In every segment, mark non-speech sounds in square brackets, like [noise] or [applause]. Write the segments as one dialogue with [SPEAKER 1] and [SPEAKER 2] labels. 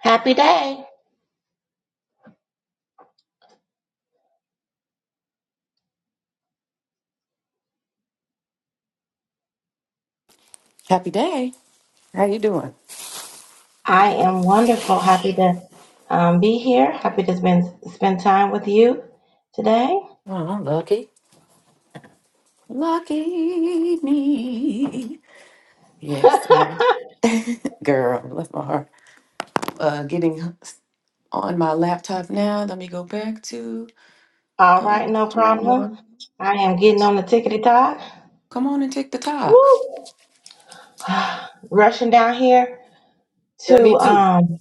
[SPEAKER 1] Happy day.
[SPEAKER 2] Happy day. How you doing?
[SPEAKER 1] I am wonderful. Happy to um, be here. Happy to spend spend time with you today.
[SPEAKER 2] Oh, I'm lucky. Lucky me.
[SPEAKER 1] [laughs]
[SPEAKER 2] Yes, sir. [laughs] girl. Bless my heart. Uh, getting on my laptop now. Let me go back to
[SPEAKER 1] All
[SPEAKER 2] um.
[SPEAKER 1] right, no problem.
[SPEAKER 2] StreamYard.
[SPEAKER 1] I am getting on the tickety tock.
[SPEAKER 2] Come on and take the talk.
[SPEAKER 1] Woo! [sighs] Rushing down here
[SPEAKER 2] Yeah,
[SPEAKER 1] to
[SPEAKER 2] me too.
[SPEAKER 1] um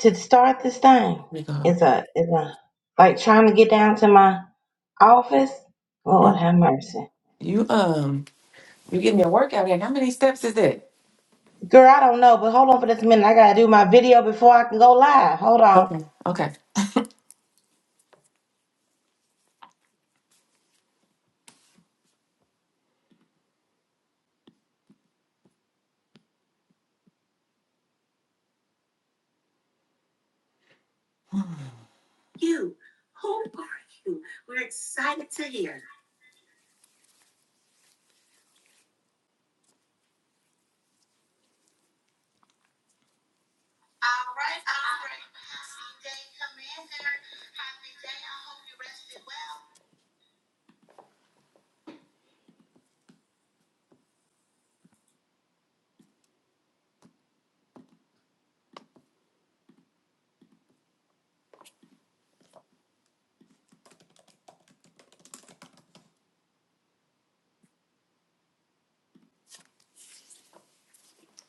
[SPEAKER 1] to start this thing.
[SPEAKER 2] Let me go.
[SPEAKER 1] It's a it's a like trying to get down to my office. Lord have
[SPEAKER 2] Mhm.
[SPEAKER 1] mercy.
[SPEAKER 2] You um. You getting your workout in? How many steps is it?
[SPEAKER 1] Girl, I don't know, but hold on for this minute. I gotta do my video before I can go live. Hold on.
[SPEAKER 2] Okay. Okay. You. Who are you? We're excited to hear.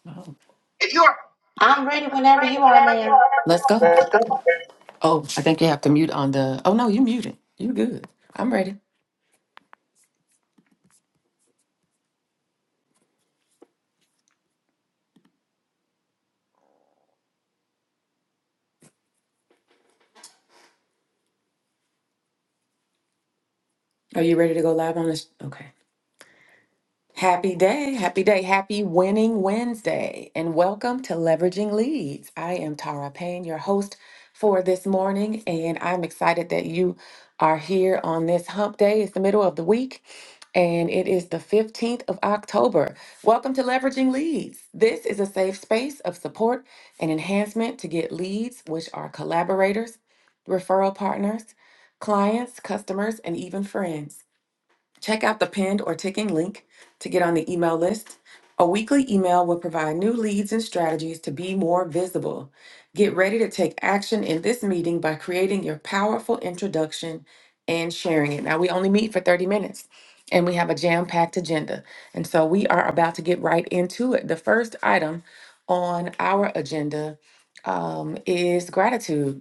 [SPEAKER 2] Oh,
[SPEAKER 1] I'm ready whenever you are, ma'am.
[SPEAKER 2] let's go. Oh, I think you have to mute on the. Oh no, you muted. You good? I'm ready. Are you ready to go live on this? Okay. Happy day, happy day, happy winning Wednesday, and welcome to Leveraging Leads. I am Tara Payne, your host for this morning, and I'm excited that you are here on this hump day. It's the middle of the week, and it is the 15th of October. Welcome to Leveraging Leads. This is a safe space of support and enhancement to get leads, which are collaborators, referral partners, clients, customers, and even friends. Check out the pinned or ticking link to get on the email list. A weekly email will provide new leads and strategies to be more visible. Get ready to take action in this meeting by creating your powerful introduction and sharing it. Now, we only meet for 30 minutes and we have a jam packed agenda. And so we are about to get right into it. The first item on our agenda um, is gratitude.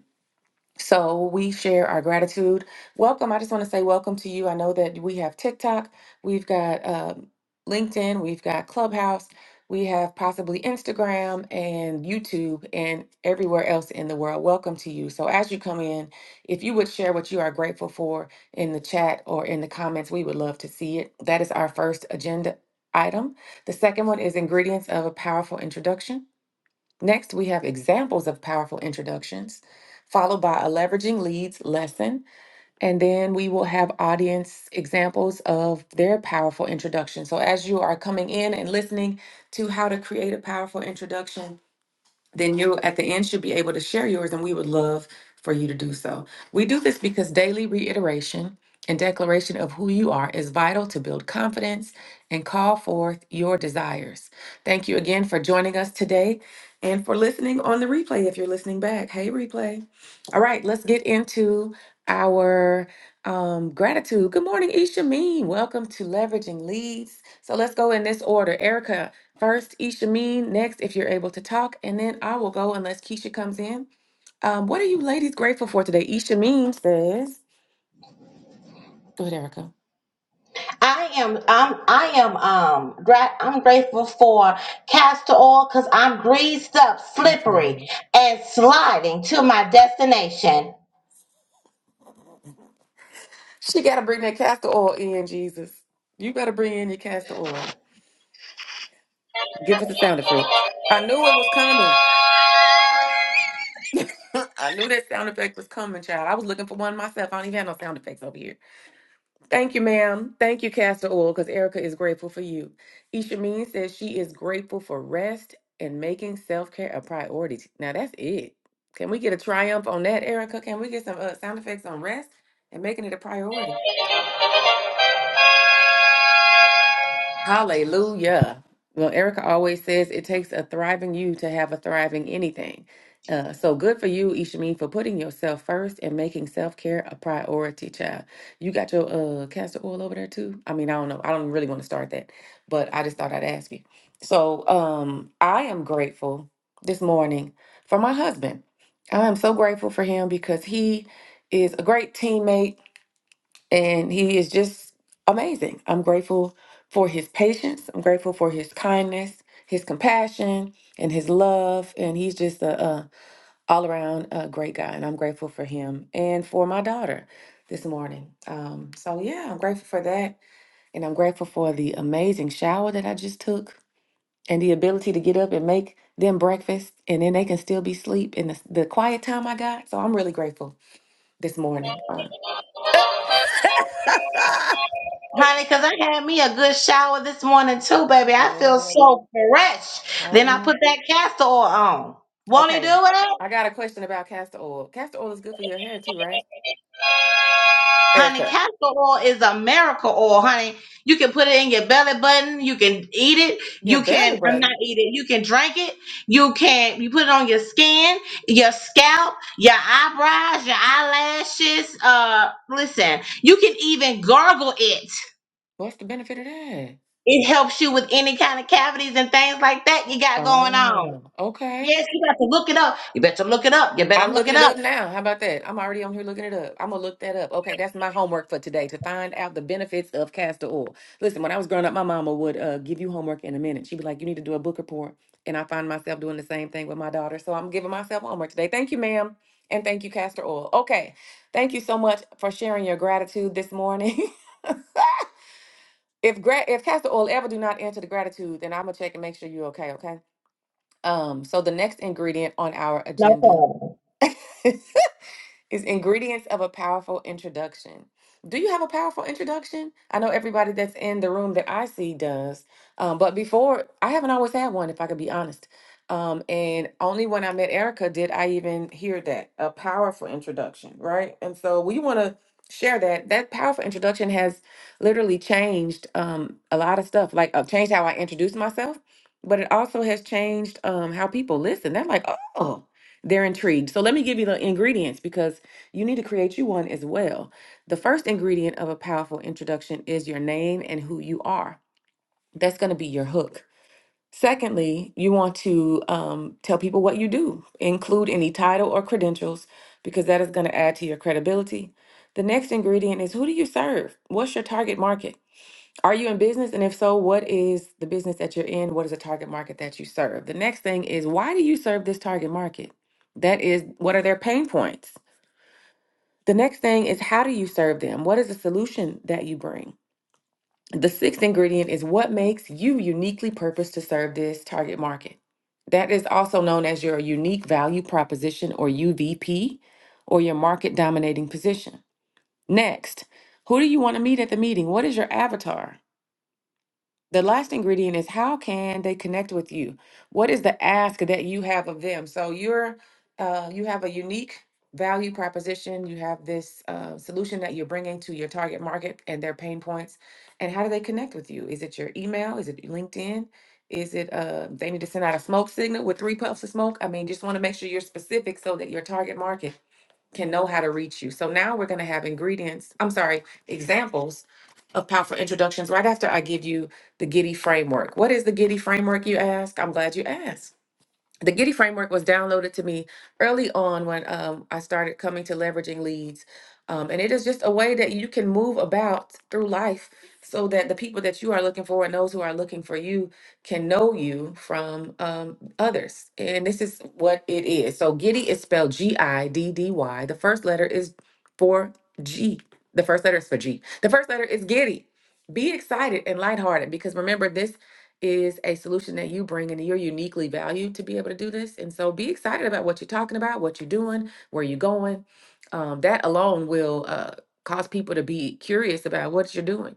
[SPEAKER 2] So we share our gratitude. Welcome. I just want to say welcome to you. I know that we have TikTok, we've got um, LinkedIn, we've got Clubhouse, we have possibly Instagram and YouTube and everywhere else in the world. Welcome to you. So as you come in, if you would share what you are grateful for in the chat or in the comments, we would love to see it. That is our first agenda item. The second one is ingredients of a powerful introduction. Next, we have examples of powerful introductions, followed by a leveraging leads lesson. And then we will have audience examples of their powerful introduction. So, as you are coming in and listening to how to create a powerful introduction, then you at the end should be able to share yours and we would love for you to do so. We do this because daily reiteration and declaration of who you are is vital to build confidence and call forth your desires. Thank you again for joining us today and for listening on the replay if you're listening back. Hey, replay. All right, let's get into our um, gratitude. Good morning, Isha Mean. Welcome to Leveraging Leads. So let's go in this order. Erica, First, Ishameen. Next, if you're able to talk, and then I will go unless Keisha comes in. Um, what are you ladies grateful for today? Ishameen says, "Go ahead, Erica."
[SPEAKER 1] I am I'm I am um gra- I'm grateful for castor oil because I'm greased up,
[SPEAKER 2] I can't
[SPEAKER 1] slippery,
[SPEAKER 2] remember.
[SPEAKER 1] and sliding to my destination.
[SPEAKER 2] She got to bring that castor oil in, Jesus. You better bring in your castor oil. Give us a sound effect. I knew it was coming. [laughs] I knew that sound effect was coming, child. I was looking for one myself. I don't even have no sound effects over here. Thank you, ma'am. Thank you, Castor Oil, because Erica is grateful for you. Ishameen says she is grateful for rest and making self care a priority. Now that's it. Can we get a triumph on that, Erica? Can we get some uh, sound effects on rest and making it a priority? Hallelujah. Well, Erica always says it takes a thriving you to have a thriving anything. Uh, so good for you, Ishameen, for putting yourself first and making self care a priority, child. You got your uh, castor oil over there too? I mean, I don't know. I don't really want to start that, but I just thought I'd ask you. So um, I am grateful this morning for my husband. I am so grateful for him because he is a great teammate and he is just amazing. I'm grateful for his patience. I'm grateful for his kindness, his compassion, and his love. And he's just a, a all around uh great guy. And I'm grateful for him and for my daughter this morning. Um, so yeah, I'm grateful for that, and I'm grateful for the amazing shower that I just took and the ability to get up and make them breakfast and then they can still be asleep in the, the quiet time I got. So I'm really grateful this morning. Uh,
[SPEAKER 1] Honey, because I had me a good shower this morning too, baby.
[SPEAKER 2] [laughs]
[SPEAKER 1] I feel
[SPEAKER 2] yeah.
[SPEAKER 1] so fresh. Then I put
[SPEAKER 2] Um,
[SPEAKER 1] that castor oil on. Won't he do
[SPEAKER 2] okay.
[SPEAKER 1] it?
[SPEAKER 2] I got a question about castor oil. Castor oil is good for your hair too, right?
[SPEAKER 1] Honey,
[SPEAKER 2] Erica,
[SPEAKER 1] castor oil is a miracle oil, honey. You can put it in your belly button. You can eat it.
[SPEAKER 2] your
[SPEAKER 1] You
[SPEAKER 2] belly
[SPEAKER 1] can, I'm not
[SPEAKER 2] button.
[SPEAKER 1] eating, you can drink it. You can, you put it on your skin, your scalp, your eyebrows, your eyelashes. Uh, listen, you can even gargle it.
[SPEAKER 2] What's the benefit of that?
[SPEAKER 1] It helps you with any kind of cavities and things like that you got going on.
[SPEAKER 2] Oh, okay.
[SPEAKER 1] Yes, you got to look it up. You better look it up. You better
[SPEAKER 2] I'm
[SPEAKER 1] look
[SPEAKER 2] looking
[SPEAKER 1] it
[SPEAKER 2] it
[SPEAKER 1] up.
[SPEAKER 2] up now. How about that? I'm already on here looking it up. I'm gonna look that up. Okay, that's my homework for today to find out the benefits of castor oil. Listen, when I was growing up, my mama would uh, give you homework in a minute. She'd be like, "You need to do a book report," and I find myself doing the same thing with my daughter. So I'm giving myself homework today. Thank you, ma'am, and thank you, castor oil. Okay, thank you so much for sharing your gratitude this morning. [laughs] if gra- if castor oil ever do not enter the gratitude, then I'm gonna check and make sure you're okay. Okay. Um. So the next ingredient on our
[SPEAKER 1] No
[SPEAKER 2] agenda.
[SPEAKER 1] problem.
[SPEAKER 2] [laughs] Is ingredients of a powerful introduction. Do you have a powerful introduction? I know everybody that's in the room that I see does, um, but before I haven't always had one, if I could be honest. Um, and only when I met Erica did I even hear that a powerful introduction, right? And so we want to share that. That powerful introduction has literally changed um, a lot of stuff, like uh, changed how I introduce myself, but it also has changed um, how people listen. They're like, oh, they're intrigued. So let me give you the ingredients because you need to create you one as well. The first ingredient of a powerful introduction is your name and who you are. That's going to be your hook. Secondly, you want to um, tell people what you do, include any title or credentials, because that is going to add to your credibility. The next ingredient is who do you serve? What's your target market? Are you in business? And if so, what is the business that you're in? What is the target market that you serve? The next thing is why do you serve this target market? That is, what are their pain points? The next thing is how do you serve them? What is the solution that you bring? The sixth ingredient is what makes you uniquely purposed to serve this target market. That is also known as your unique value proposition or UVP or your market dominating position. Next, who do you want to meet at the meeting? What is your avatar? The last ingredient is how can they connect with you? What is the ask that you have of them? So you're uh, you have a unique value proposition. You have this uh, solution that you're bringing to your target market and their pain points. And how do they connect with you? Is it your email? Is it LinkedIn? Is it uh, they need to send out a smoke signal with three puffs of smoke? I mean, just want to make sure you're specific so that your target market can know how to reach you. So now we're going to have ingredients, I'm sorry, examples of powerful introductions right after I give you the Giddy framework. What is the Giddy framework, you ask? I'm glad you asked the Giddy framework was downloaded to me early on when um, I started coming to leveraging leads. Um, and it is just a way that you can move about through life so that the people that you are looking for and those who are looking for you can know you from um, others. And this is what it is. So Giddy is spelled G I D D Y. The first letter is for G. The first letter is for G. The first letter is Giddy. Be excited and lighthearted because remember, this is a solution that you bring and you're uniquely valued to be able to do this. And so be excited about what you're talking about, what you're doing, where you're going. Um, that alone will uh, cause people to be curious about what you're doing,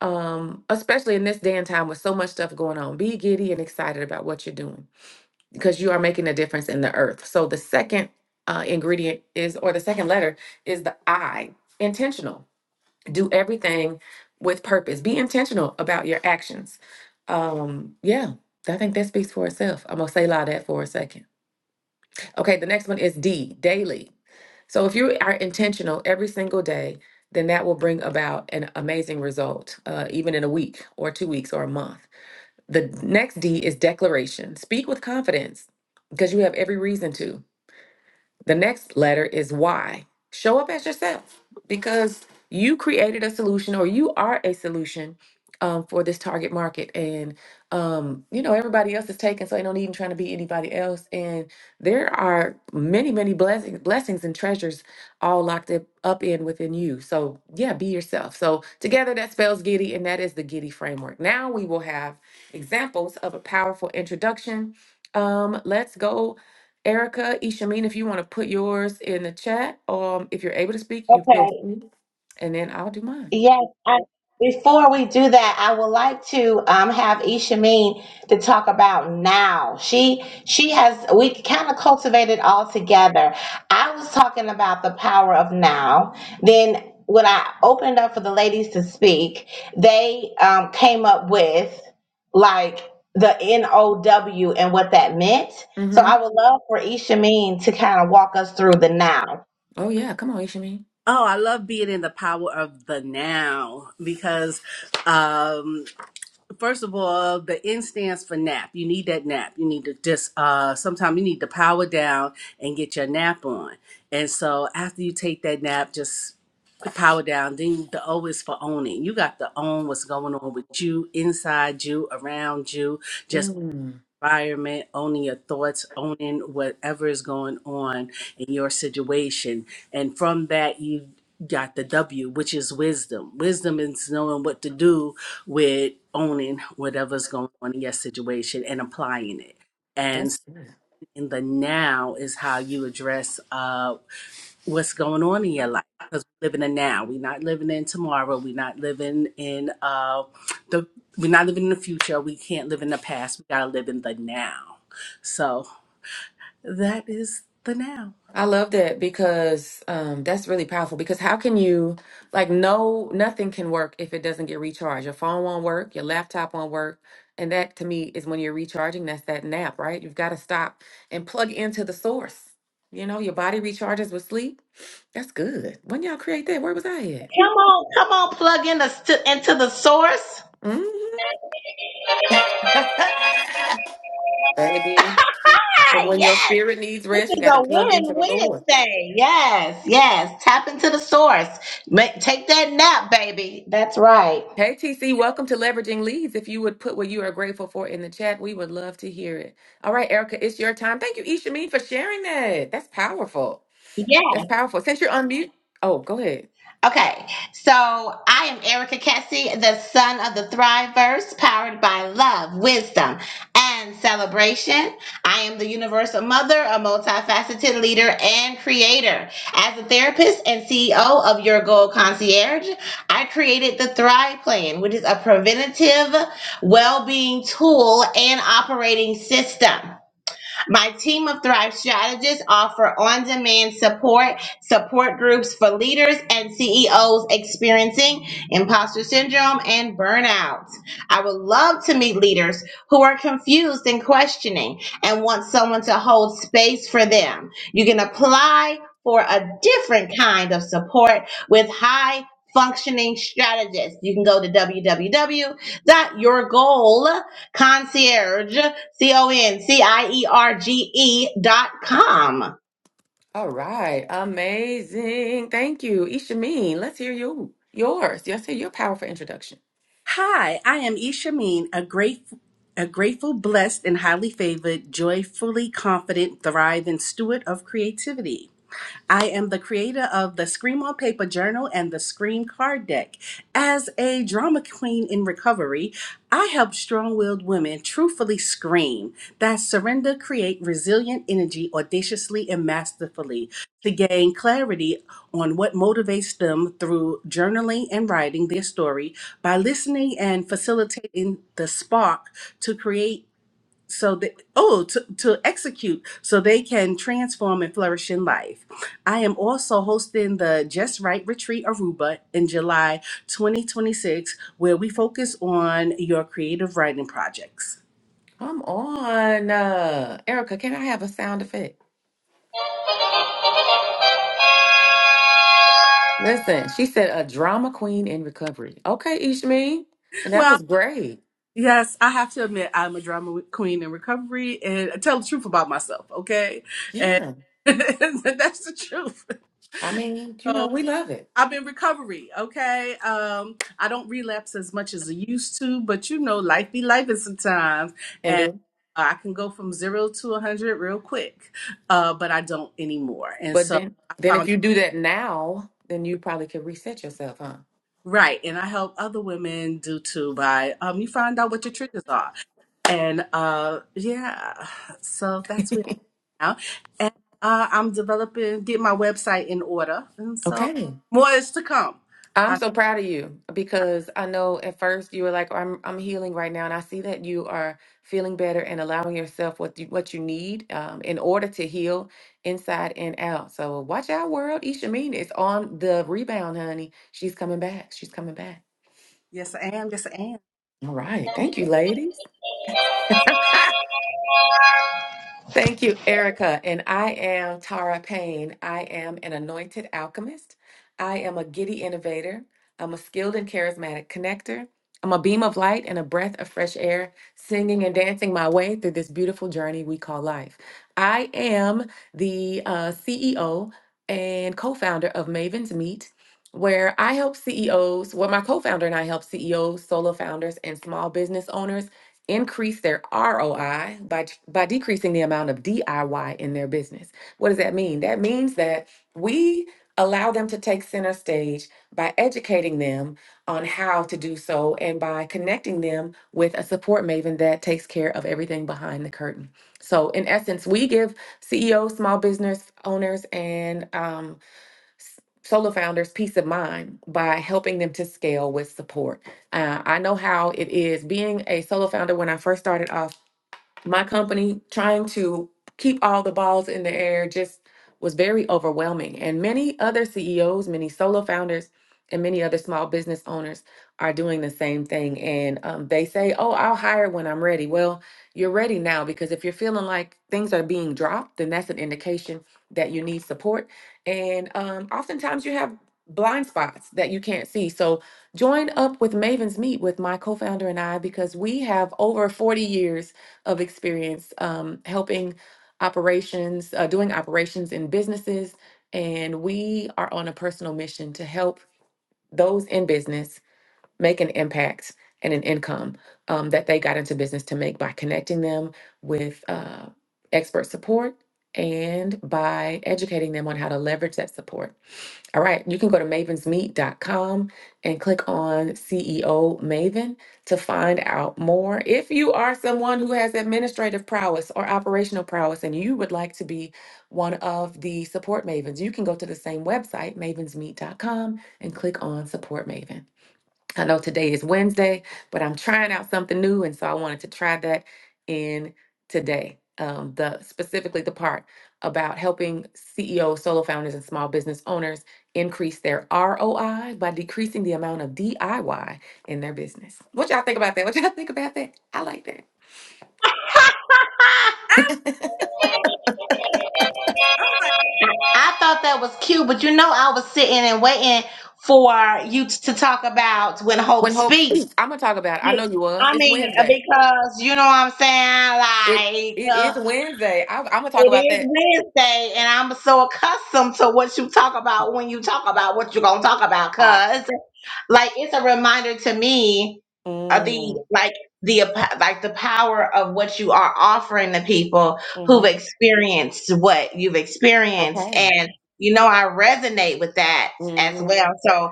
[SPEAKER 2] um, especially in this day and time with so much stuff going on. Be giddy and excited about what you're doing because you are making a difference in the earth. So the second uh, ingredient is, or the second letter is the I, intentional do everything with purpose. Be intentional about your actions. Um, yeah, I think that speaks for itself. I'm gonna say lot that for a second. Okay, the next one is D, daily. So if you are intentional every single day, then that will bring about an amazing result, uh, even in a week or two weeks or a month. The next D is declaration. Speak with confidence because you have every reason to. The next letter is Y. Show up as yourself because you created a solution or you are a solution um, for this target market. And, um, you know, everybody else is taken, so they don't even trying to be anybody else. And there are many, many blessings, blessings and treasures all locked up, up in within you. So, yeah, be yourself. So, together that spells Giddy, and that is the Giddy framework. Now we will have examples of a powerful introduction. Um, let's go Erica, Ishameen, if you want to put yours in the chat, or if you're able to speak, you feel
[SPEAKER 1] Okay.
[SPEAKER 2] free, and then I'll do mine.
[SPEAKER 1] Yes, I, before we do that, I would like to um, have Ishameen to talk about now. She she has we kind of cultivated all together. I was talking about the power of now. Then when I opened up for the ladies to speak, they um, came up with like the N O W and what that meant. So
[SPEAKER 2] Mm-hmm.
[SPEAKER 1] I would love for Ishameen to kind of walk us through the now.
[SPEAKER 2] Oh yeah, come on, Ishameen.
[SPEAKER 3] Oh, I love being in the power of the now because, um, first of all, the N stands for nap. You need that nap. You need to just, uh, sometimes you need to power down and get your nap on. And so after you take that nap, just power down. Then the O is for owning. You got to own what's going on with you, inside you, around you. just
[SPEAKER 2] Mm,
[SPEAKER 3] environment, owning your thoughts, owning whatever is going on in your situation. And from that, you got the W, which is wisdom. Wisdom is knowing what to do with owning whatever's going on in your situation and applying it. And
[SPEAKER 2] that's good.
[SPEAKER 3] in the now is how you address uh, what's going on in your life because we're living in now we're not living in tomorrow we're not living in uh the we're not living in the future we can't live in the past we gotta live in the now so that is the now
[SPEAKER 2] I love that because um, that's really powerful. Because how can you like no nothing can work if it doesn't get recharged? Your phone won't work, your laptop won't work, and that to me is when you're recharging. That's that nap, right? You've got to stop and plug into the source. You know, your body recharges with sleep. That's good. When y'all create that, where was I at?
[SPEAKER 1] Come on, come on, plug in the, into the source.
[SPEAKER 2] Mhm.
[SPEAKER 1] [laughs]
[SPEAKER 2] [laughs] Baby. And when your
[SPEAKER 1] yes,
[SPEAKER 2] spirit needs
[SPEAKER 1] this
[SPEAKER 2] rest, you
[SPEAKER 1] is
[SPEAKER 2] got to
[SPEAKER 1] a
[SPEAKER 2] plug
[SPEAKER 1] win
[SPEAKER 2] into the Lord.
[SPEAKER 1] Wednesday. Yes, yes. Tap into the source. Make, take that nap, baby. That's right.
[SPEAKER 2] Hey, TC, welcome to Leveraging Leads. If you would put what you are grateful for in the chat, we would love to hear it. All right, Erica, it's your time. Thank you, Ishameen, for sharing that. That's powerful.
[SPEAKER 1] Yes.
[SPEAKER 2] That's powerful. Since you're on mute, oh, go ahead.
[SPEAKER 1] Okay, so I am Erica Kessie, the son of the Thriveverse, powered by love, wisdom, and celebration. I am the universal mother, a multifaceted leader and creator. As a therapist and CEO of Your Goal Concierge, I created the Thrive Plan, which is a preventative well-being tool and operating system. My team of Thrive strategists offer on demand support, support groups for leaders and CEOs experiencing imposter syndrome and burnout. I would love to meet leaders who are confused and questioning and want someone to hold space for them. You can apply for a different kind of support with high functioning strategists. You can go to w w w dot Your goal concierge. C O N C I E R G E dot com. [laughs]
[SPEAKER 2] All right, amazing. Thank you, Ishameen. Let's hear you. Yours. Yes, hear your powerful introduction.
[SPEAKER 3] hi i am ishameen a grateful a grateful, blessed, and highly favored, joyfully confident, thriving steward of creativity. I am the creator of the Scream on Paper Journal and the Scream Card Deck. As a drama queen in recovery, I help strong willed women truthfully scream that surrender, create resilient energy audaciously and masterfully to gain clarity on what motivates them through journaling and writing their story by listening and facilitating the spark to create so that oh to, to execute so they can transform and flourish in life i am also hosting the just right retreat aruba in july 2026 where we focus on your creative writing projects
[SPEAKER 2] Come on, uh, Erica. Can I have a sound effect? Listen, she said a drama queen in recovery. Okay, Ishmael. And that
[SPEAKER 3] well
[SPEAKER 2] was great.
[SPEAKER 3] yes i have to admit i'm a drama queen in recovery and I tell the truth about myself okay and
[SPEAKER 2] Yeah.
[SPEAKER 3] [laughs] that's the truth
[SPEAKER 2] I mean, you
[SPEAKER 3] So
[SPEAKER 2] know, we love it.
[SPEAKER 3] I'm in recovery, okay? Um, I don't relapse as much as I used to, but you know, life be life sometimes.
[SPEAKER 2] And
[SPEAKER 3] And
[SPEAKER 2] do
[SPEAKER 3] uh, I can go from zero to a 100 real quick, uh, but I don't anymore. And
[SPEAKER 2] but
[SPEAKER 3] so
[SPEAKER 2] then
[SPEAKER 3] I
[SPEAKER 2] then if
[SPEAKER 3] found,
[SPEAKER 2] you do that now, then you probably could reset yourself, huh?
[SPEAKER 3] right, and I help other women do too by um, you find out what your triggers are. And uh, yeah, so that's where I'm now. And uh, I'm developing, get my website in order. And so
[SPEAKER 2] Okay.
[SPEAKER 3] more is to come.
[SPEAKER 2] I'm
[SPEAKER 3] I,
[SPEAKER 2] so proud of you because I know at first you were like, I'm I'm healing right now. And I see that you are feeling better and allowing yourself what you what you need um, in order to heal inside and out. So watch out, world. Isha Mean is on the rebound, honey. She's coming back. She's coming back.
[SPEAKER 3] yes, I am. Yes, I
[SPEAKER 2] All right. Thank you, ladies. Thank you, Erica. And I am Tara Payne. I am an anointed alchemist. I am a giddy innovator. I'm a skilled and charismatic connector. I'm a beam of light and a breath of fresh air, singing and dancing my way through this beautiful journey we call life. I am the uh, CEO and co founder of Maven's Meet, where I help CEOs, well, my co founder and I help CEOs, solo founders, and small business owners increase their ROI by by decreasing the amount of DIY in their business. What does that mean? That means that we allow them to take center stage by educating them on how to do so and by connecting them with a support maven that takes care of everything behind the curtain. So in essence, we give CEOs, small business owners and um, solo founders peace of mind by helping them to scale with support. Uh, I know how it is being a solo founder when I first started off my company trying to keep all the balls in the air just was very overwhelming. And many other CEOs, many solo founders, and many other small business owners are doing the same thing. And um, they say, Oh, I'll hire when I'm ready. Well, you're ready now because if you're feeling like things are being dropped, then that's an indication that you need support. And um, oftentimes you have blind spots that you can't see. So join up with Maven's Meet with my co founder and I because we have over 40 years of experience um, helping operations, uh, doing operations in businesses. And we are on a personal mission to help those in business make an impact and an income um, that they got into business to make by connecting them with uh, expert support and by educating them on how to leverage that support. All right, you can go to mavens meet dot com and click on CEO Maven to find out more. If you are someone who has administrative prowess or operational prowess and you would like to be one of the support mavens, you can go to the same website, mavens meet dot com, and click on Support Maven. I know today is Wednesday, but I'm trying out something new, and so I wanted to try that in today. Um, the specifically the part about helping CEOs, solo founders, and small business owners increase their ROI by decreasing the amount of DIY in their business. What y'all think about that? What y'all think about that? I like that.
[SPEAKER 3] am. I'm like,
[SPEAKER 1] I thought that was cute, but you know, I was sitting and waiting for you to talk about when hope
[SPEAKER 2] When hope
[SPEAKER 1] speaks.
[SPEAKER 2] speaks, I'm gonna talk about. I
[SPEAKER 1] You-
[SPEAKER 2] know you was.
[SPEAKER 1] I
[SPEAKER 2] It's
[SPEAKER 1] mean, uh,
[SPEAKER 2] Wednesday.
[SPEAKER 1] because you know what I'm saying?
[SPEAKER 2] It
[SPEAKER 1] Like,
[SPEAKER 2] it
[SPEAKER 1] uh,
[SPEAKER 2] is Wednesday. I, I'm gonna talk
[SPEAKER 1] it
[SPEAKER 2] about
[SPEAKER 1] is
[SPEAKER 2] that.
[SPEAKER 1] Wednesday, and I'm so accustomed to what you talk about when you talk about what you're going to talk about,
[SPEAKER 2] I,
[SPEAKER 1] cuz. like it's a reminder to me of the
[SPEAKER 2] mm,
[SPEAKER 1] like the ap- like the power of what you are offering to people who've
[SPEAKER 2] hmm
[SPEAKER 1] experienced what you've experienced
[SPEAKER 2] Okay.
[SPEAKER 1] and you know i resonate with that as
[SPEAKER 2] hmm
[SPEAKER 1] well so um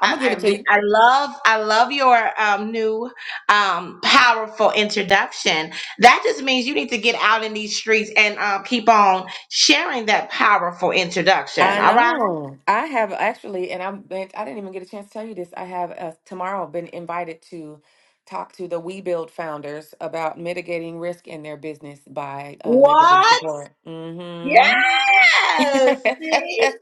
[SPEAKER 2] I'm gonna give it
[SPEAKER 1] i,
[SPEAKER 2] to you.
[SPEAKER 1] I love i love your um new um powerful introduction that just means you need to get out in these streets and uh, keep on sharing that powerful introduction
[SPEAKER 2] I
[SPEAKER 1] all right
[SPEAKER 2] know. I have actually, and I'm, been, I didn't even get a chance to tell you this. I have uh, tomorrow been invited to talk to the We Build founders about mitigating risk in their business by uh, leveraging
[SPEAKER 1] what
[SPEAKER 2] support. Mm-hmm. [laughs]
[SPEAKER 1] Yes.
[SPEAKER 2] hey,
[SPEAKER 1] See?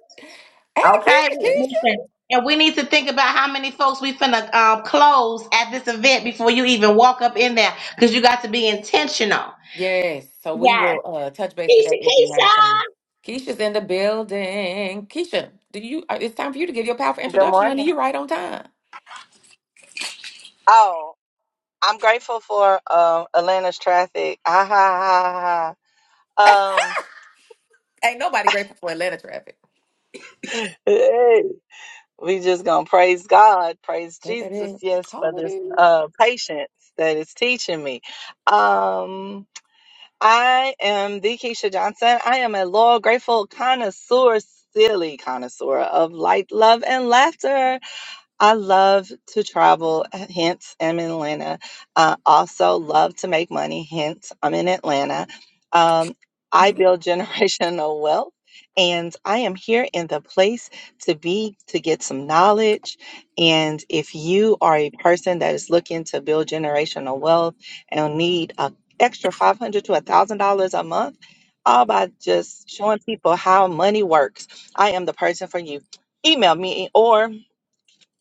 [SPEAKER 1] Okay.
[SPEAKER 2] Keisha, Keisha.
[SPEAKER 1] Listen. And we need to think about how many folks we finna um, close at this event before you even walk up in there, because you got to be intentional.
[SPEAKER 2] Yes. So we
[SPEAKER 1] Yes.
[SPEAKER 2] will uh, touch base today if you
[SPEAKER 1] Keisha,
[SPEAKER 2] have
[SPEAKER 1] Keisha.
[SPEAKER 2] time. Keisha's in the building. Keisha, do you? uh, It's time for you to give your powerful
[SPEAKER 4] Good
[SPEAKER 2] introduction,
[SPEAKER 4] morning.
[SPEAKER 2] honey. You're right on time.
[SPEAKER 4] Oh, I'm grateful for um Atlanta's traffic. [laughs] Ah, ha, ha, ha. Um,
[SPEAKER 2] Ain't nobody grateful for Atlanta traffic.
[SPEAKER 4] [laughs] hey, we just gonna praise God, praise
[SPEAKER 2] Ain't that
[SPEAKER 4] Jesus,
[SPEAKER 2] it?
[SPEAKER 4] yes, for this
[SPEAKER 2] Hallelujah.
[SPEAKER 4] uh patience that is teaching me. Um, I am the Keisha Johnson. I am a loyal, grateful connoisseur, silly connoisseur of light, love, and laughter. I love to travel, hence I'm in Atlanta. I also love to make money, hence I'm in Atlanta. Um, I build [laughs] generational wealth, and I am here in the place to be to get some knowledge. And if you are a person that is looking to build generational wealth and need a extra five hundred to a thousand dollars a month, all by just showing people how money works, I am the person for you. Email me or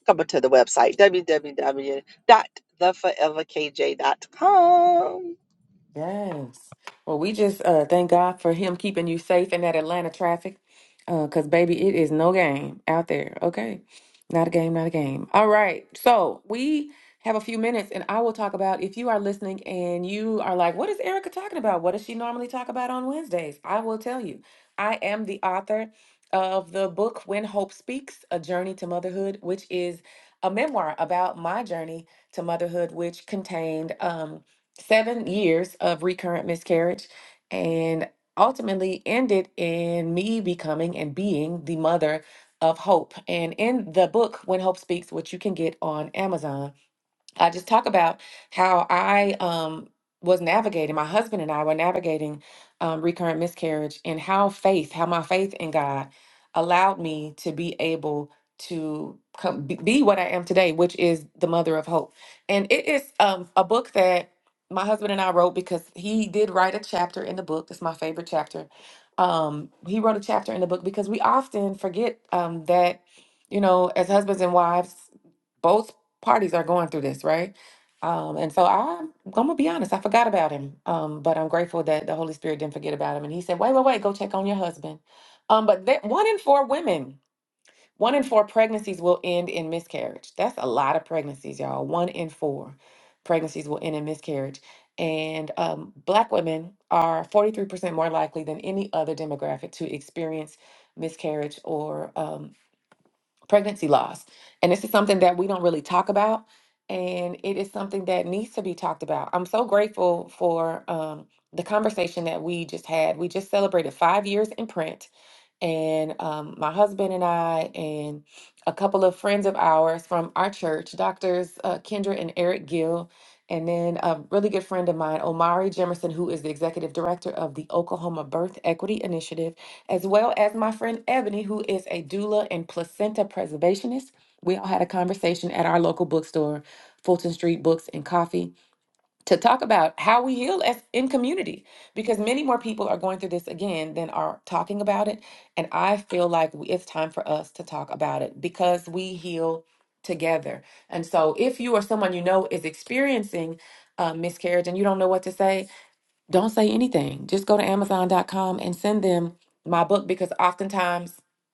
[SPEAKER 4] Come to the website www.theforeverkj.com.
[SPEAKER 2] Yes. Well, we just uh, thank God for him keeping you safe in that Atlanta traffic. Because, baby, it is no game out there. Okay. Not a game, not a game. All right. So we have a few minutes, and I will talk about if you are listening and you are like, what is Erica talking about? What does she normally talk about on Wednesdays? I will tell you. I am the author of the book When Hope Speaks A Journey to Motherhood, which is a memoir about my journey to motherhood, which contained. Um, seven years of recurrent miscarriage and ultimately ended in me becoming and being the mother of Hope. And in the book, When Hope Speaks, which you can get on Amazon, I just talk about how I um, was navigating, my husband and I were navigating um, recurrent miscarriage, and how faith, how my faith in God allowed me to be able to come, be be what I am today, which is the mother of hope. And it is um, a book that my husband and I wrote because he did write a chapter in the book. That's my favorite chapter. Um, he wrote a chapter in the book because we often forget um, that, you know, as husbands and wives, both parties are going through this, right? Um, and so I'm, I'm gonna be honest, I forgot about him. Um, but I'm grateful that the Holy Spirit didn't forget about him. And he said, wait, wait, wait, go check on your husband. Um, but that one in four women, one in four pregnancies will end in miscarriage. That's a lot of pregnancies, y'all. One in four pregnancies will end in miscarriage. And um, black women are 43% more likely than any other demographic to experience miscarriage or um, pregnancy loss. And this is something that we don't really talk about. And it is something that needs to be talked about. I'm so grateful for um, the conversation that we just had. We just celebrated five years in print and um, my husband and I, and a couple of friends of ours from our church, Doctors uh, Kendra and Eric Gill, and then a really good friend of mine, Omari Jemerson, who is the executive director of the Oklahoma Birth Equity Initiative, as well as my friend Ebony, who is a doula and placenta preservationist. We all had a conversation at our local bookstore, Fulton Street Books and Coffee to talk about how we heal as in community because many more people are going through this again than are talking about it and i feel like we- it's time for us to talk about it because we heal together and so if you or someone you know is experiencing uh, miscarriage and you don't know what to say don't say anything. Just go to Amazon.com and send them my book because oftentimes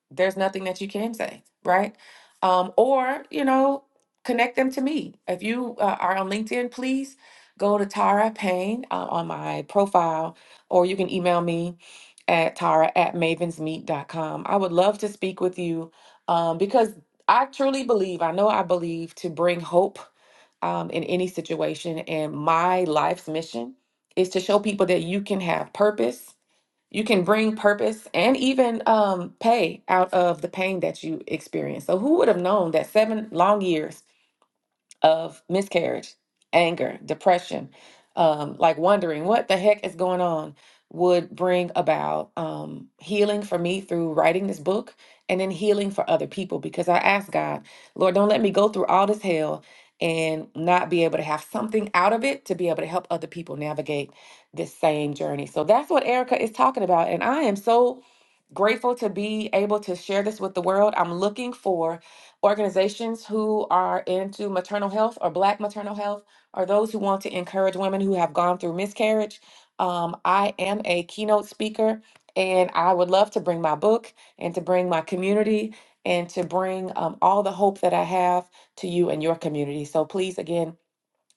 [SPEAKER 2] there's nothing that you can say, right? Um, or, you know, connect them to me. If you uh, are on LinkedIn, please go to Tara Payne uh, on my profile, or you can email me at tara at mavensmeet.com. I would love to speak with you um, because I truly believe, I know I believe, to bring hope um, in any situation. And my life's mission is to show people that you can have purpose, you can bring purpose and even um, pay out of the pain that you experience. So, who would have known that seven long years? of miscarriage, anger, depression, um, like wondering what the heck is going on, would bring about um, healing for me through writing this book and then healing for other people because I asked God, Lord, don't let me go through all this hell and not be able to have something out of it to be able to help other people navigate this same journey. So that's what Erica is talking about. And I am so grateful to be able to share this with the world. I'm looking for organizations who are into maternal health or Black maternal health, or those who want to encourage women who have gone through miscarriage. Um, I am a keynote speaker, and I would love to bring my book and to bring my community and to bring um, all the hope that I have to you and your community. So please, again,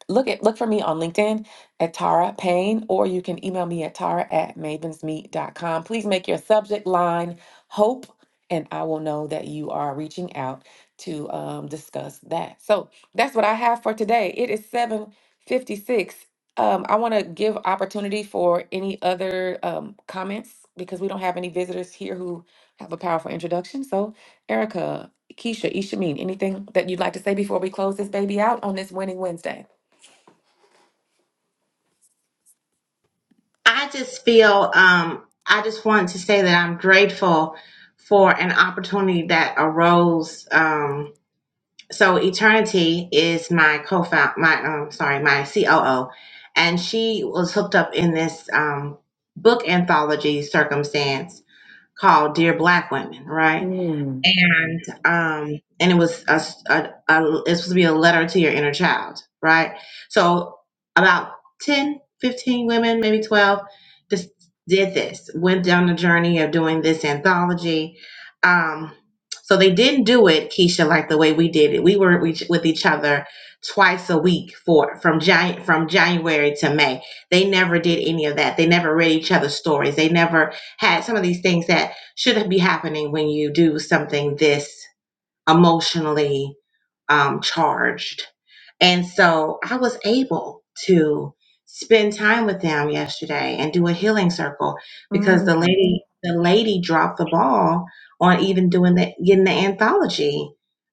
[SPEAKER 2] look at look for me on LinkedIn at Tara Payne, or you can email me at Tara at mavensmeet.com. Please make your subject line hope, and I will know that you are reaching out to um, discuss that. So that's what I have for today. It is 756. Um, I want to give opportunity for any other um, comments because we don't have any visitors here who have a powerful introduction. So, Erica, Keisha, Ishameen, anything that you'd like to say before we close this baby out on this winning Wednesday?
[SPEAKER 1] I just feel um I just wanted to say that I'm grateful for an opportunity that arose. Um so Eternity is my co-found my um sorry my COO, and she was hooked up in this um book anthology circumstance called Dear Black Women, right?
[SPEAKER 2] Mm,
[SPEAKER 1] and um and it was a a a it's supposed to be a letter to your inner child right so about 10 15 women maybe 12 just did this went down the journey of doing this anthology um so they didn't do it keisha like the way we did it we were each- with each other twice a week for from Jan- from january to may they never did any of that they never read each other's stories they never had some of these things that should be happening when you do something this emotionally um, charged. And so I was able to spend time with them yesterday and do a healing circle because the
[SPEAKER 2] mm,
[SPEAKER 1] lady the lady dropped the ball on even doing the getting the anthology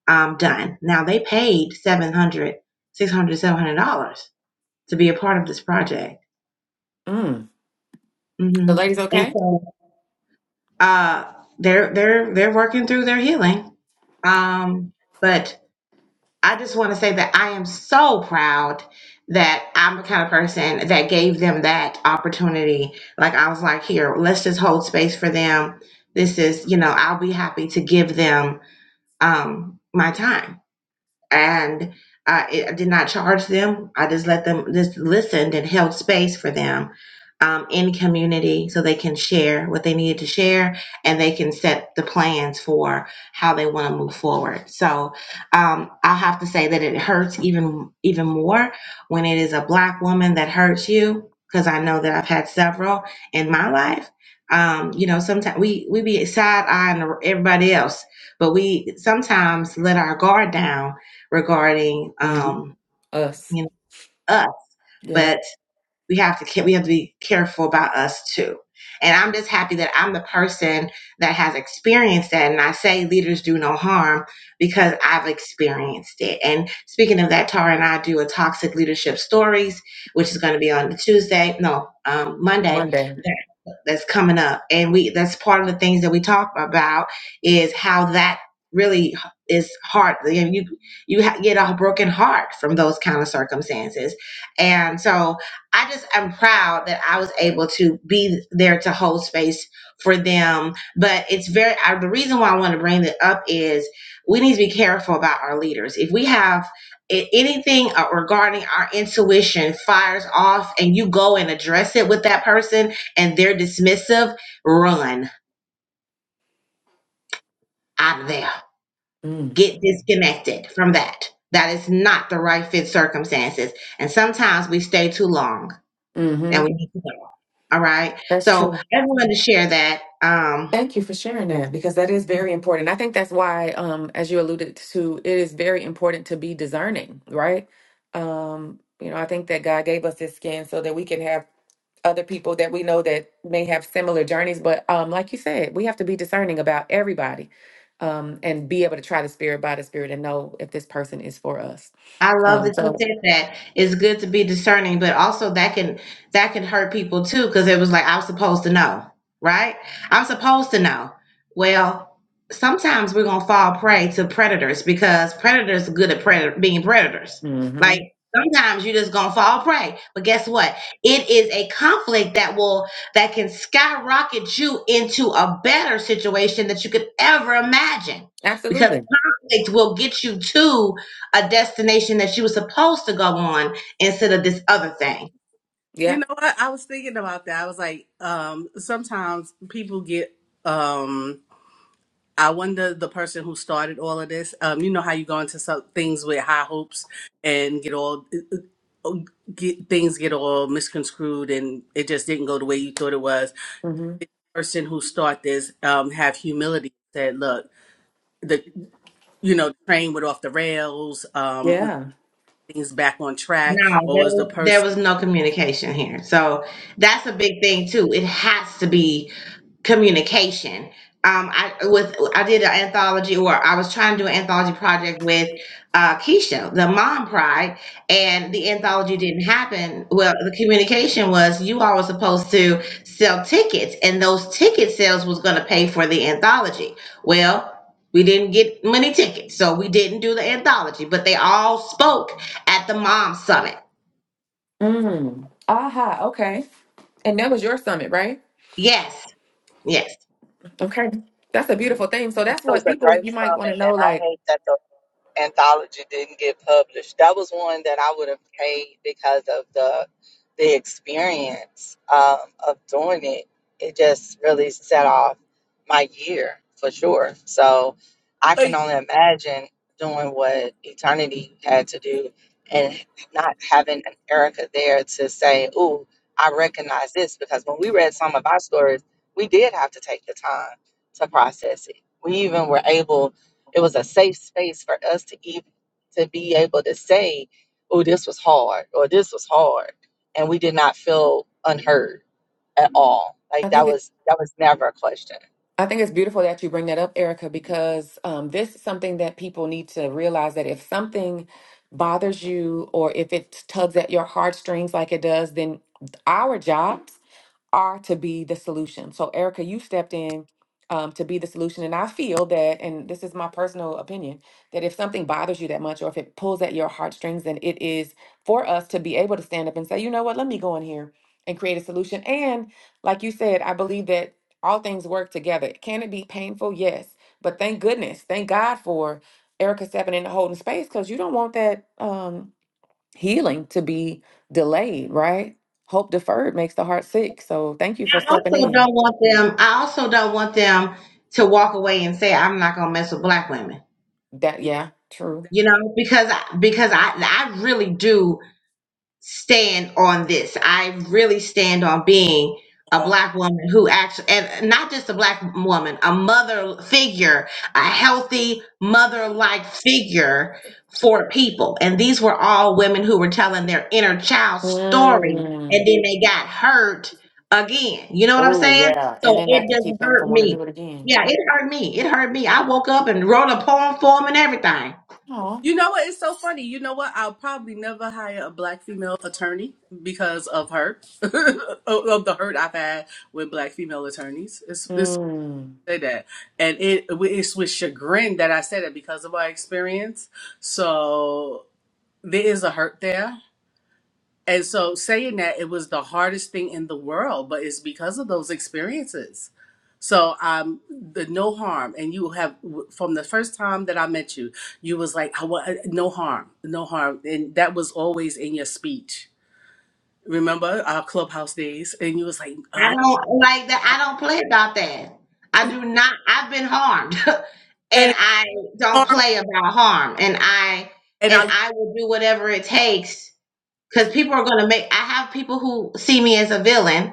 [SPEAKER 1] um, done. Now they paid 700, 600, 700 dollars to be a part of this project.
[SPEAKER 2] mm. The
[SPEAKER 1] hmm
[SPEAKER 2] ladies
[SPEAKER 1] And
[SPEAKER 4] Oh,
[SPEAKER 2] okay?
[SPEAKER 1] so uh, they're they're they're working through their healing Um, but I just want to say that I am so proud that I'm the kind of person that gave them that opportunity. Like I was like, here, let's just hold space for them. This is, you know, I'll be happy to give them um my time and I, I did not charge them. I just let them just listened and held space for them um, in community so they can share what they needed to share and they can set the plans for how they want to move forward. So um, I'll have to say that it hurts even even more when it is a black woman that hurts you because I know that I've had several in my life. Um, you know, sometimes we we be side eyeing everybody else, but we sometimes let our guard down regarding
[SPEAKER 2] hmm
[SPEAKER 1] um,
[SPEAKER 2] Us.
[SPEAKER 1] you know us. But
[SPEAKER 2] Yeah.
[SPEAKER 1] we have to we have to be careful about us too and i'm just happy that i'm the person that has experienced that and i say leaders do no harm because i've experienced it and speaking of that tara and i do a toxic leadership stories which is going to be on the tuesday no um, monday
[SPEAKER 2] Monday.
[SPEAKER 1] that, that's coming up and we that's part of the things that we talk about is how that really is hard you you ha- get a broken heart from those kind of circumstances and so I just I'm proud that I was able to be there to hold space for them. But it's very I, the reason why I want to bring it up is we need to be careful about our leaders. If we have a- anything uh, regarding our intuition fires off, and you go and address it with that person, and they're dismissive, run out of there.
[SPEAKER 2] Mm.
[SPEAKER 1] Get disconnected from that. That is not the right fit circumstances. And sometimes we stay too long,
[SPEAKER 2] hmm
[SPEAKER 1] and we need to go. All right.
[SPEAKER 2] That's
[SPEAKER 1] So I
[SPEAKER 2] true.
[SPEAKER 1] just wanted to share that. Um,
[SPEAKER 2] Thank you for sharing that because that is very important. I think that's why, um, as you alluded to, it is very important to be discerning, right? Um, you know, I think that God gave us this skin so that we can have other people that we know that may have similar journeys. But um, like you said, we have to be discerning about everybody um, and be able to try the spirit by the spirit and know if this person is for us.
[SPEAKER 1] I love
[SPEAKER 2] Um,
[SPEAKER 1] that you
[SPEAKER 2] so,
[SPEAKER 1] said that. It's good to be discerning, but also that can that can hurt people too because it was like I'm supposed to know, right? I'm supposed to know. Well, sometimes we're gonna fall prey to predators because predators are good at pred- being predators. Like
[SPEAKER 2] hmm
[SPEAKER 1] sometimes you're just gonna fall prey. But guess what? It is a conflict that will that can skyrocket you into a better situation that you could ever imagine because
[SPEAKER 2] absolutely.
[SPEAKER 1] conflict will get you to a destination that she was supposed to go on instead of this other thing.
[SPEAKER 3] you
[SPEAKER 2] Yeah.
[SPEAKER 3] know what? I was thinking about that. I was like, um, sometimes people get um I wonder the person who started all of this. Um, you know how you go into some things with high hopes and get all get things get all misconstrued and it just didn't go the way you thought it was.
[SPEAKER 2] hmm
[SPEAKER 3] Person who start this um have humility. Said, look, the you know train went off the rails. Um,
[SPEAKER 2] Yeah.
[SPEAKER 3] things back on track,
[SPEAKER 1] No,
[SPEAKER 3] or
[SPEAKER 1] there
[SPEAKER 3] was the
[SPEAKER 1] was there
[SPEAKER 3] person?
[SPEAKER 1] was no communication here. So that's a big thing too. It has to be communication. Um, I with I did an anthology, or I was trying to do an anthology project with uh, Keisha, the Mom Pride, and the anthology didn't happen. Well, the communication was you all were supposed to sell tickets, and those ticket sales was going to pay for the anthology. Well. We didn't get many tickets, so we didn't do the anthology, but they all spoke at the Mom Summit.
[SPEAKER 2] Mm. Aha. Okay. And that was your summit, right?
[SPEAKER 1] Yes, yes.
[SPEAKER 2] Okay. That's a beautiful thing. So
[SPEAKER 4] It
[SPEAKER 2] that's
[SPEAKER 4] was
[SPEAKER 2] what
[SPEAKER 4] a
[SPEAKER 2] people
[SPEAKER 4] great
[SPEAKER 2] you might want to
[SPEAKER 4] summit,
[SPEAKER 2] know.
[SPEAKER 4] and I
[SPEAKER 2] Like,
[SPEAKER 4] hate that the anthology didn't get published. That was one that I would have paid because of the the experience um, of doing it. It just really set off my year for sure. So I can only imagine doing what Eternity had to do and not having an Erica there to say, "Ooh, I recognize this," because when we read some of our stories, we did have to take the time to process it. We even were able it was a safe space for us to even to be able to say, "Oh, this was hard," or "This was hard," and we did not feel unheard at all. Like
[SPEAKER 2] I
[SPEAKER 4] that
[SPEAKER 2] think it.
[SPEAKER 4] was that was never a question.
[SPEAKER 2] I think it's beautiful that you bring that up, Erica, because um, this is something that people need to realize that if something bothers you or if it tugs at your heartstrings like it does, then our jobs are to be the solution. So, Erica, you stepped in um, to be the solution. And I feel that, and this is my personal opinion, that if something bothers you that much or if it pulls at your heartstrings, then it is for us to be able to stand up and say, you know what, let me go in here and create a solution. And like you said, I believe that all things work together. Can it be painful? Yes. But thank goodness, thank God for Erica stepping in and holding space because you don't want that. Um, healing to be delayed, right? Hope deferred makes the heart sick. So thank you for
[SPEAKER 1] I
[SPEAKER 2] stepping
[SPEAKER 1] also
[SPEAKER 2] in.
[SPEAKER 1] don't want them. I also don't want them to walk away and say, "I'm not gonna mess with black women,"
[SPEAKER 2] That yeah, true.
[SPEAKER 1] you know, because I, because I I really do stand on this. I really stand on being a black woman who actually, and not just a black woman, a mother figure, a healthy mother like figure for people. And these were all women who were telling their inner child story and
[SPEAKER 2] Mm.
[SPEAKER 1] then they got hurt again. You know what I'm
[SPEAKER 2] Oh
[SPEAKER 1] saying?
[SPEAKER 2] yeah, and
[SPEAKER 1] So
[SPEAKER 2] then that
[SPEAKER 1] it
[SPEAKER 2] could
[SPEAKER 1] doesn't
[SPEAKER 2] keep them
[SPEAKER 1] hurt
[SPEAKER 2] from wanting to
[SPEAKER 1] me.
[SPEAKER 2] do it again.
[SPEAKER 1] Yeah, it hurt me. It hurt me. I woke up and wrote a poem for him and everything.
[SPEAKER 2] Oh.
[SPEAKER 3] You know what? It's so funny. You know what? I'll probably never hire a black female attorney because of her, [laughs] of of the hurt I've had with black female attorneys. It's it's
[SPEAKER 2] Mm.
[SPEAKER 3] say that, and it it's with chagrin that I say that because of my experience. So there is a hurt there, and so saying that it was the hardest thing in the world, but it's because of those experiences. So um, the no harm, and you have from the first time that I met you, you was like, I want no harm, no harm, and that was always in your speech. Remember our clubhouse days, and you was like, I
[SPEAKER 1] I
[SPEAKER 3] don't
[SPEAKER 1] don't like that. I don't play about that. I do not. I've been harmed, [laughs] and
[SPEAKER 3] and
[SPEAKER 1] I don't
[SPEAKER 3] harm,
[SPEAKER 1] play about harm. And I
[SPEAKER 3] and I
[SPEAKER 1] and
[SPEAKER 3] love
[SPEAKER 1] I will do whatever it takes because people are going to make. I have people who see me as a villain,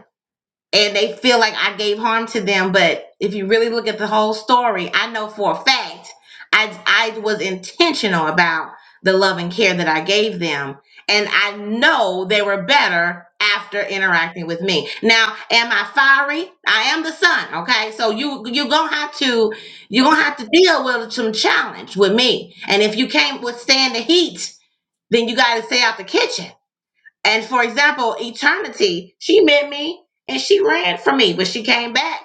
[SPEAKER 1] and they feel like I gave harm to them. But if you really look at the whole story, I know for a fact I I was intentional about the love and care that I gave them, and I know they were better after interacting with me. Now, am I fiery? I am the sun. Okay, so you you gonna have to you gonna
[SPEAKER 3] hate,
[SPEAKER 1] have to deal with some challenge with me, and if you can't withstand the heat, then you got to stay out the kitchen. And for example, eternity, she met me and she ran from me, but she came back.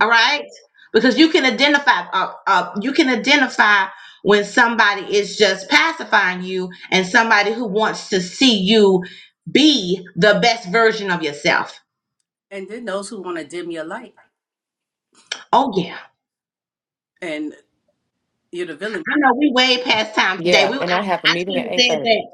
[SPEAKER 1] All right, because you can identify. Uh, uh, you can identify when somebody is just pacifying you and somebody who wants to see you be the best version of yourself.
[SPEAKER 3] and then those who want to dim your light,
[SPEAKER 1] Oh yeah,
[SPEAKER 3] and you're the
[SPEAKER 1] I
[SPEAKER 3] villain.
[SPEAKER 1] know we way past time today.
[SPEAKER 2] Yeah,
[SPEAKER 1] We
[SPEAKER 2] and I
[SPEAKER 1] I,
[SPEAKER 2] have a
[SPEAKER 1] I
[SPEAKER 2] meeting
[SPEAKER 1] should
[SPEAKER 2] at
[SPEAKER 1] have
[SPEAKER 2] eight
[SPEAKER 1] said
[SPEAKER 2] thirty.
[SPEAKER 1] that.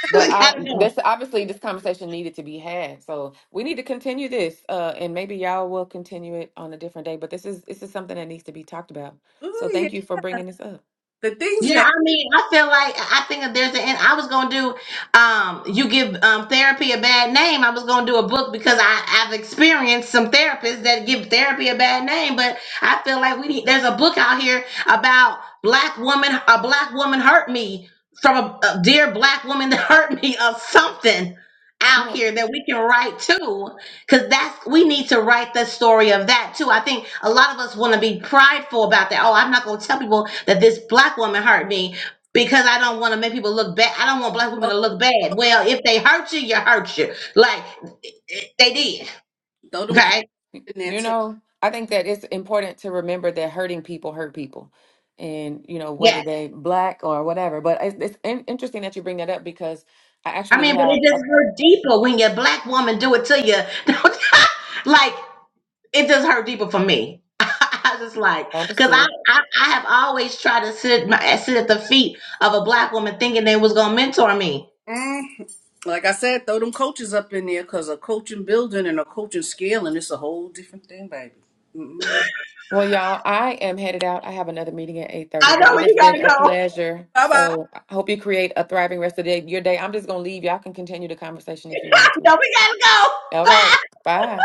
[SPEAKER 1] [laughs]
[SPEAKER 2] But
[SPEAKER 1] I
[SPEAKER 2] I
[SPEAKER 1] gotta know.
[SPEAKER 2] this obviously this conversation needed to be had. So we need to continue this. Uh and maybe y'all will continue it on a different day. But this is this is something that needs to be talked about. So
[SPEAKER 3] Ooh, yeah,
[SPEAKER 2] thank you for bringing this up.
[SPEAKER 3] the things
[SPEAKER 1] Yeah,
[SPEAKER 3] that
[SPEAKER 1] I mean, I feel like I think that there's an end. I was gonna do, um, you give um therapy a bad name. I was gonna do a book because I I've experienced some therapists that give therapy a bad name. But I feel like we need there's a book out here about black woman. A black woman hurt me from a, a dear black woman [laughs] that hurt me of something
[SPEAKER 2] You
[SPEAKER 1] out
[SPEAKER 2] know.
[SPEAKER 1] here that we can write to. Because that's we need to write the story of that too. I think a lot of us want to be prideful about that. Oh, I'm not gonna tell people that this black woman hurt me because I don't want to make people look bad. I don't want black women
[SPEAKER 3] oh,
[SPEAKER 1] to look bad. Well, if they hurt you, you hurt you. Like they did.
[SPEAKER 3] throw them
[SPEAKER 2] You,
[SPEAKER 3] coats
[SPEAKER 1] Okay.
[SPEAKER 3] in there
[SPEAKER 2] you know, I think that it's important to remember that hurting people hurt people, and you know whether
[SPEAKER 1] Yes.
[SPEAKER 2] they black or whatever. But it's, it's in- interesting that you bring that up because I
[SPEAKER 1] I
[SPEAKER 2] actually
[SPEAKER 1] mean, but
[SPEAKER 2] have
[SPEAKER 1] it
[SPEAKER 2] a,
[SPEAKER 1] just hurt deeper when your black woman do it to you. [laughs] like it just hurt deeper for me. [laughs] I just like because I,
[SPEAKER 2] understood.
[SPEAKER 1] I I have always tried to sit my sit at the feet of a black woman, thinking they was gonna mentor me.
[SPEAKER 3] Eh, Like I said, throw them coaches up in there because a coaching building and a coaching scale, and it's a whole different thing, baby.
[SPEAKER 2] Well, y'all, I am headed out. I have another meeting at eight thirty,
[SPEAKER 1] I know
[SPEAKER 2] but it
[SPEAKER 1] where you
[SPEAKER 2] has
[SPEAKER 1] gotta
[SPEAKER 2] been a
[SPEAKER 1] go.
[SPEAKER 2] pleasure.
[SPEAKER 3] Bye bye.
[SPEAKER 2] So I hope you create a thriving rest of the day, your day. I'm just gonna leave. Y'all can continue the conversation if you
[SPEAKER 1] [laughs]
[SPEAKER 2] want to.
[SPEAKER 1] no, we gotta go.
[SPEAKER 2] All
[SPEAKER 1] Bye.
[SPEAKER 2] right, bye.